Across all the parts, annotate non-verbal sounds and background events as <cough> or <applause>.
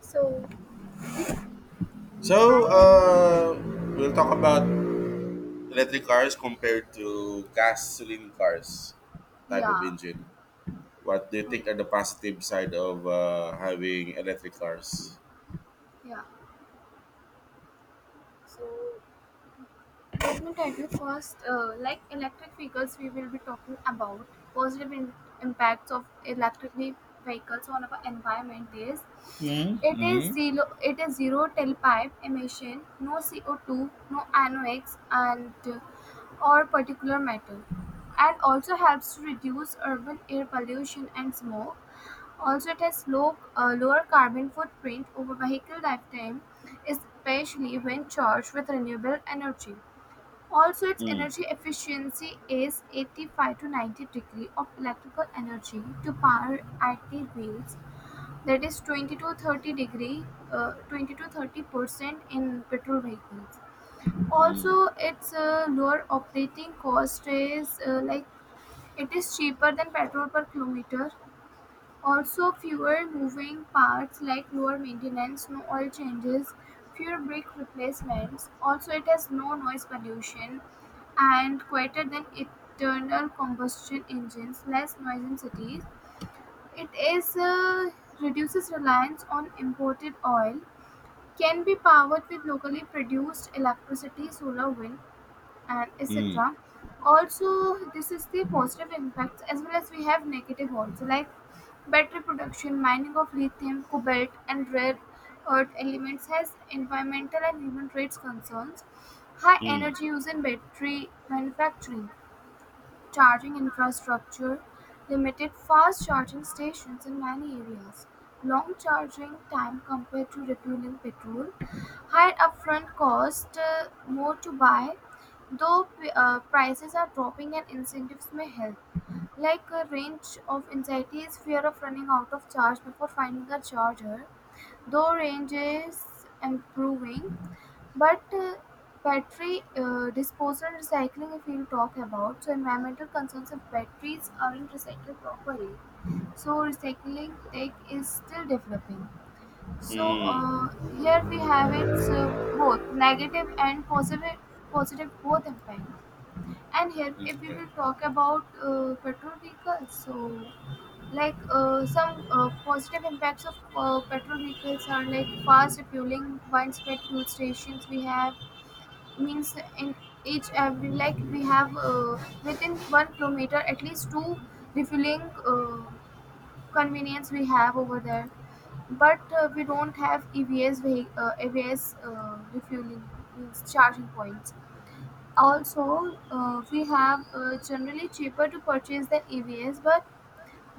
So, So, Hi. uh, we'll talk about electric cars compared to gasoline cars type of Yeah. engine. What do you think are the Okay. positive side of having electric cars? Yeah. So let me tell you first. Like electric vehicles, we will be talking about positive impacts of electric vehicles on our environment. Is Mm, it is mm, zero? It is zero tailpipe emission, no CO2, no NOx, and or particular matter, and also helps to reduce urban air pollution and smoke. Also it has lower carbon footprint over vehicle lifetime, especially when charged with renewable energy. Also its Mm, energy efficiency is 85 to 90 degree of electrical energy to power active wheels that is 20 to 30% in petrol vehicles. mm, Also its lower operating cost is like it is cheaper than petrol per kilometer. Also fewer moving parts like lower maintenance, no oil changes, fewer brake replacements. Also it has no noise pollution and quieter than internal combustion engines, less noise in cities. It is reduces reliance on imported oil, can be powered with locally produced electricity, solar, wind, and mm, etc. Also this is the positive impacts, as well as we have negative also, like battery production, mining of lithium, cobalt and rare earth elements has environmental and human rights concerns, high mm, energy use in battery manufacturing, charging infrastructure, limited fast charging stations in many areas, long charging time compared to refueling petrol, higher upfront cost, more to buy. Though prices are dropping and incentives may help, like a range of anxiety is fear of running out of charge before finding a charger. Though range is improving, but battery disposal and recycling, if you talk about, so environmental concerns of batteries aren't recycled properly. So recycling tech is still developing. So mm. here we have its both negative and positive, positive both impact. And here if we Okay. will talk about petrol vehicles, so like some positive impacts of petrol vehicles are like fast refueling, widespread fuel stations we have, means in each every like we have within 1 kilometer at least two refueling convenience we have over there. But we don't have evs evs refueling, means charging points. Also, we have generally cheaper to purchase than EVs, but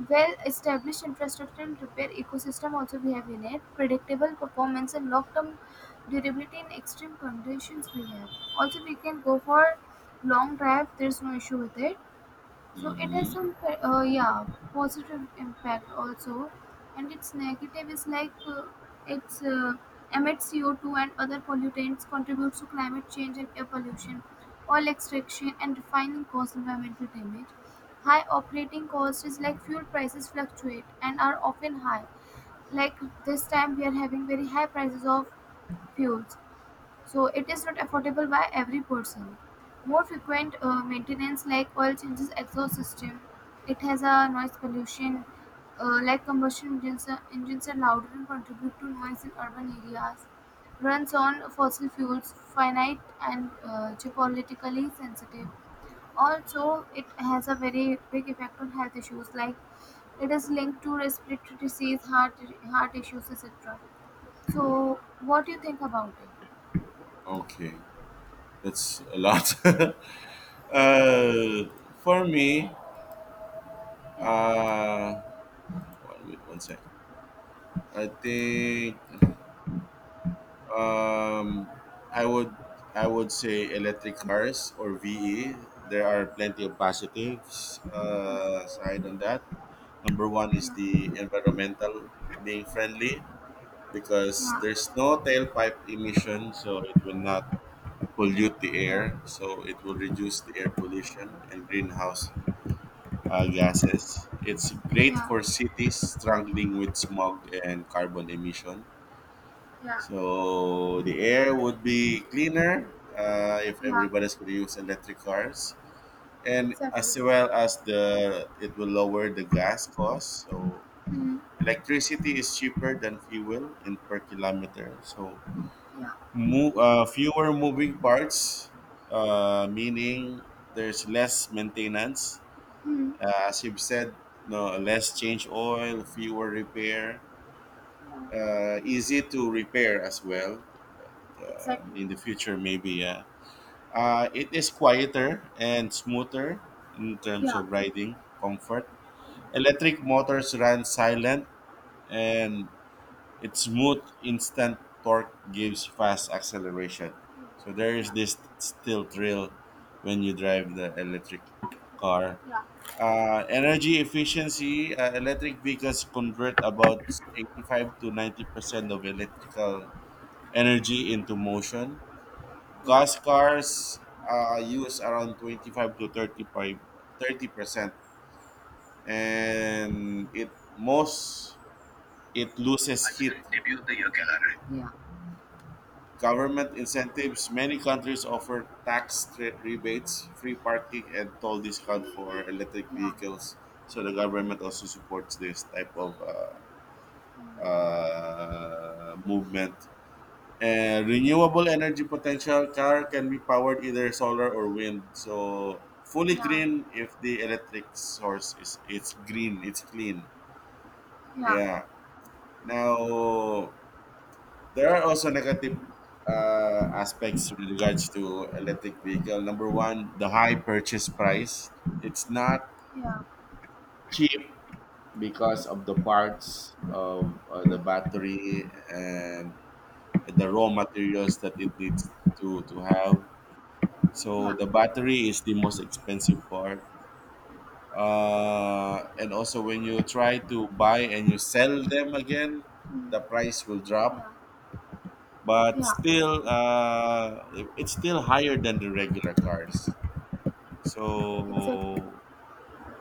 well-established infrastructure and repair ecosystem also we have in it. Predictable performance and long-term durability in extreme conditions we have. Also, we can go for long drive. There's no issue with it. So it has Mhm. some yeah, positive impact also, and its negative is like it's emits CO2 and other pollutants, contributes to climate change and air pollution, oil extraction and refining cause environmental damage. High operating cost is like fuel prices fluctuate and are often high. Like this time we are having very high prices of fuels, so it is not affordable by every person. More frequent maintenance like oil changes, exhaust system. It has a noise pollution, like combustion engines are louder and contribute to noise in urban areas. Runs on fossil fuels, finite and geopolitically sensitive. Also, it has a very big effect on health issues like it is linked to respiratory disease, heart issues, etc. So, what do you think about it? Okay. That's a lot. <laughs> uh, for me, Yeah, uh, one, wait, 1 second. I think Um, I would I would say electric cars or VE. There are plenty of positives yeah, side on that. Number one is yeah. the environmental being friendly because Yeah, there's no tailpipe emission, so it will not pollute the air. yeah, So it will reduce the air pollution and greenhouse gases. It's great yeah, for cities struggling with smog and carbon emission, yeah, so the air would be cleaner if yeah, everybody's going to use electric cars, and exactly. as well as the it will lower the gas cost. So Mm, electricity is cheaper than fuel in per kilometer. So yeah, move, fewer moving parts, meaning there's less maintenance. mm, As you've said, no less change oil, fewer repair, easy to repair as well, exactly. in the future maybe. Yeah, it is quieter and smoother in terms Yeah, of riding comfort. Electric motors run silent, and its smooth instant torque gives fast acceleration, so there is yeah, this still thrill when you drive the electric car. yeah, Energy efficiency, electric vehicles convert about 85 to 90 percent of electrical energy into motion. yeah, Gas cars use around 25 to 35, 30%, and it most it loses that's a heat. great debut of the year calendar. Yeah, Government incentives, many countries offer tax rebates, free parking, and toll discount for electric yeah, vehicles, so the government also supports this type of mm, movement. And renewable energy potential, car can be powered either solar or wind. So fully yeah, green. If the electric source is it's green, it's clean. yeah, Yeah. Now there are also negative aspects with regards to electric vehicle. Number one, the high purchase price. It's not yeah, cheap because of the parts of the battery and the raw materials that it needs to have. So yeah, the battery is the most expensive part. And also when you try to buy and you sell them again, the price will yeah, drop. But yeah, still, it's still higher than the regular cars. exactly. So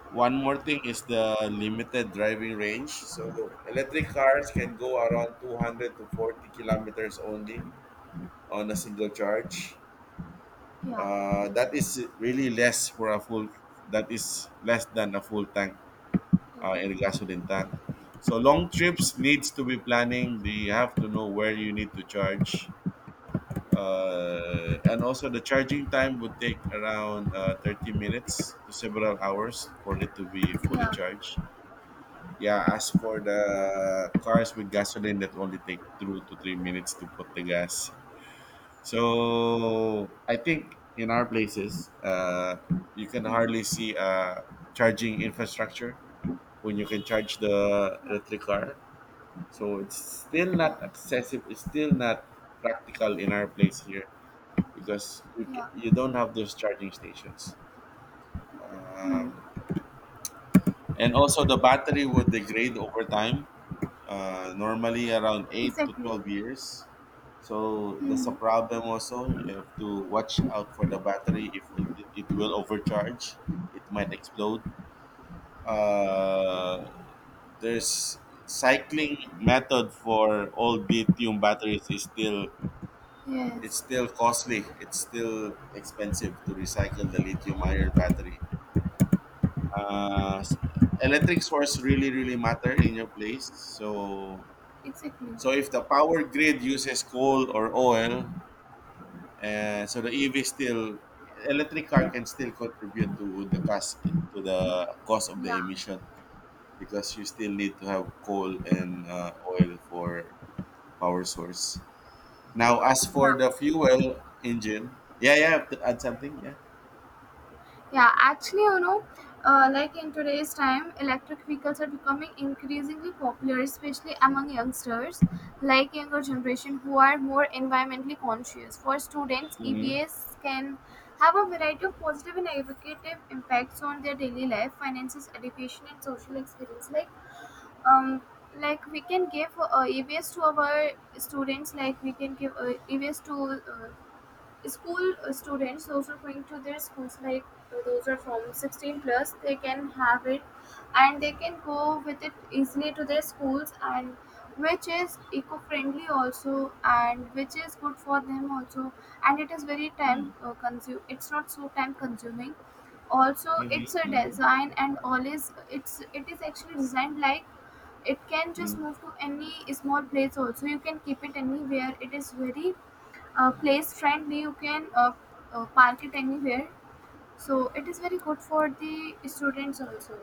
one more thing is the limited driving range. So electric cars can go around 200 to 40 kilometers only on a single charge. Yeah, That is really less for a full. That is less than a full tank yeah, in a gasoline tank. So long trips needs to be planning. You have to know where you need to charge, and also the charging time would take around 30 minutes to several hours for it to be fully yeah, charged. Yeah, as for the cars with gasoline, that only take 2 to 3 minutes to put the gas. So I think in our places, you can hardly mm, see charging infrastructure when you can charge the yeah, electric car. So it's still yeah, not accessible. It's still not practical in our place here because yeah, you don't have those charging stations. mm, Um, and also the battery would degrade over time. Normally around eight to exactly. twelve years. So that's a Mm, problem also. You have to watch out for the battery. If it will overcharge, it might explode. Uh, there's cycling method for all lithium batteries is still it's yes, still costly. It's still expensive to recycle the lithium ion battery. Uh, s- Electric source really really matter in your place. So exactly. If the power grid uses coal or oil, so the EV still electric car can still contribute to the cost of the Yeah, emission, because you still need to have coal and oil for power source. Now, as for yeah, the fuel engine, yeah, yeah, I have to add something, yeah. yeah, actually, like in today's time, electric vehicles are becoming increasingly popular, especially among youngsters, like younger generation who are more environmentally conscious. For students, Mm-hmm. EVs can have a variety of positive and negative impacts on their daily life, finances, education, and social experience. Like, um, we can give EVs to our students, like we can give EVs to school students, those who are going to their schools, like those are from 16 plus they can have it, and they can go with it easily to their schools, and which is eco-friendly also, and which is good for them also. And it is very time consume, it's not so time consuming. Also it's a Mm-hmm. design and all is it is actually designed, like it can Hmm. just move to any small place, also you can keep it anywhere, it is very place friendly, you can park it anywhere, so it is very good for the students also.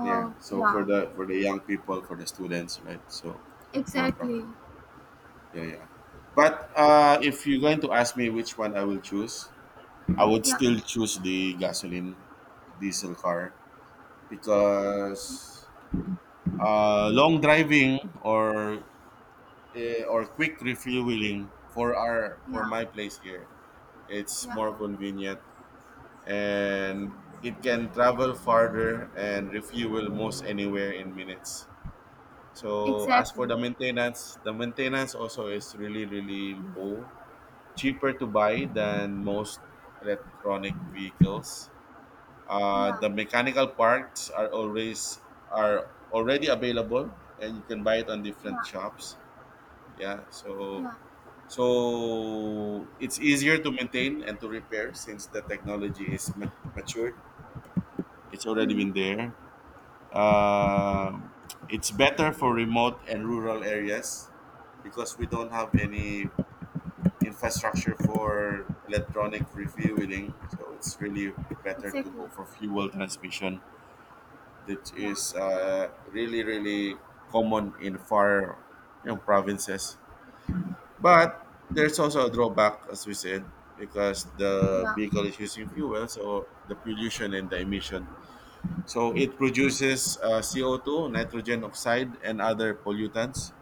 Yeah. So yeah for the young people, for the students, right? So more exactly. practical. Yeah, yeah. But if you're going to ask me which one I will choose, I would Yeah, still choose the gasoline diesel car because long driving or or quick refueling for our for yeah, my place here it's yeah, more yeah, convenient, and it can travel farther and refuel most anywhere in minutes. So as exactly. for the maintenance also is really really low, cheaper to buy than most electronic vehicles. Yeah, The mechanical parts are always are already available, and you can buy it on different yeah, shops. Yeah, so yeah, so it's easier to maintain and to repair since the technology is matured. It's already hmm, been there. Um it's better for remote and rural areas because we don't have any infrastructure for electronic refueling. So it's really better to exactly. go for fuel transmission that is Yeah, really really common in far, you know, provinces. But there's also a drawback, as we said, because the yeah, vehicle is using fuel, so the pollution and the emission. So it produces CO2, nitrogen oxide, and other pollutants.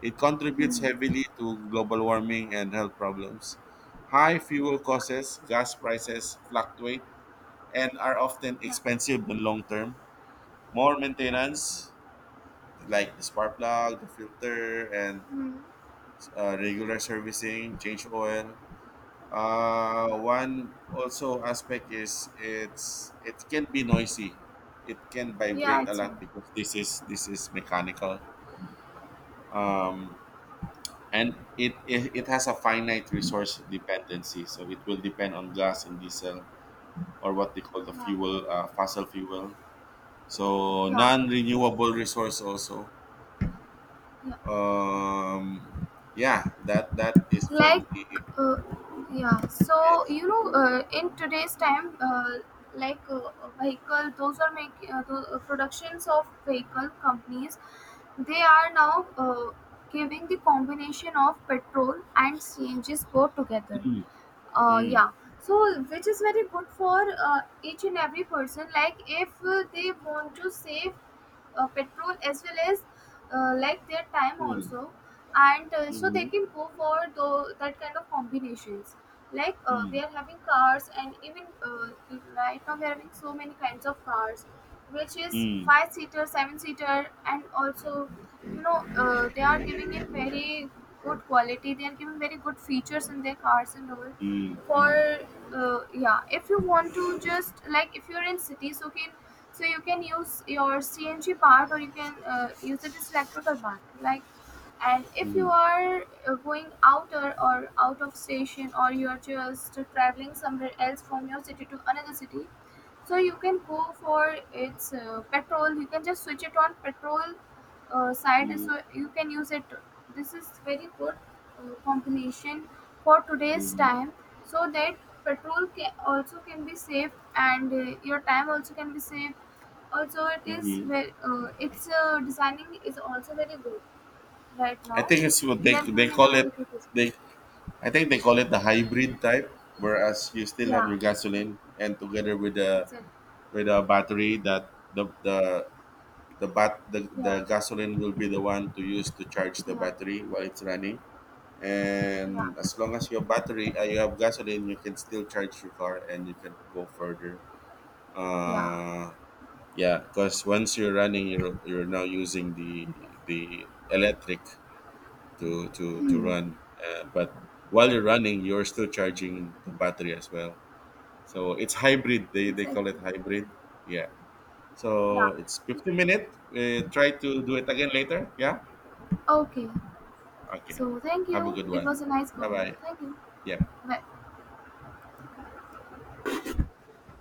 It contributes hmm, heavily to global warming and health problems. High fuel costs, gas prices fluctuate, and are often yeah, expensive in long term. More yeah, maintenance, like the spark plug, the filter, and hmm, regular servicing, change oil. Yeah, One also aspect is it can be noisy. It can yeah, vibrate a actually, lot because this is mechanical. Um, and it has a finite resource dependency, so it will depend on gas and diesel or what they call the yeah, fuel fossil fuel. So yeah, non-renewable resource also. yeah. Um, yeah, that is for Like, me. uh, yeah, so Yes. In today's time, like vehicle those are making the productions of vehicle companies, they are now giving the combination of petrol and cngs both together, yeah. So which is very good for each and every person, like if they want to save petrol as well as like their time Mm, also, and so they mhm, can go for that kind of combinations, like we mm, are having cars and even right now we are having so many kinds of cars, which is mm, five seater seven seater, and also they are giving in very good quality, they are giving very good features in their cars and all. mm, For yeah, if you want to just like if you're in city, so can so you can use your cng part, or you can use it as electrical part, like, and if you mhm, are going outer or out of station, or you are just traveling somewhere else from your city to another city, so you can go for its petrol, you can just switch it on petrol side, mm, so you can use it. This is very good combination for today's mhm, time, so that petrol can also can be saved and your time also can be saved. Also it is mhm. very its designing is also very good right I now, think it's what they are they giving in a call very it. good display. They I think they call it the hybrid type, whereas you still have Yeah, your gasoline and together with the it's a with a battery that the the the bat the, yeah the gasoline will be the one to use to charge the yeah battery while it's running, and yeah as long as your battery you have gasoline you can still charge your car and you can go further, yeah, uh yeah, because once you're running you're now using the electric to hmm, run, but while you're running you're still charging the battery as well. So it's hybrid, they call exactly, it hybrid. Yeah, so yeah. it's 50 minute, try to do it again later. Yeah, Okay, okay, so thank have a you. good It one, was a nice bye call. bye. Thank you. Yeah. Bye.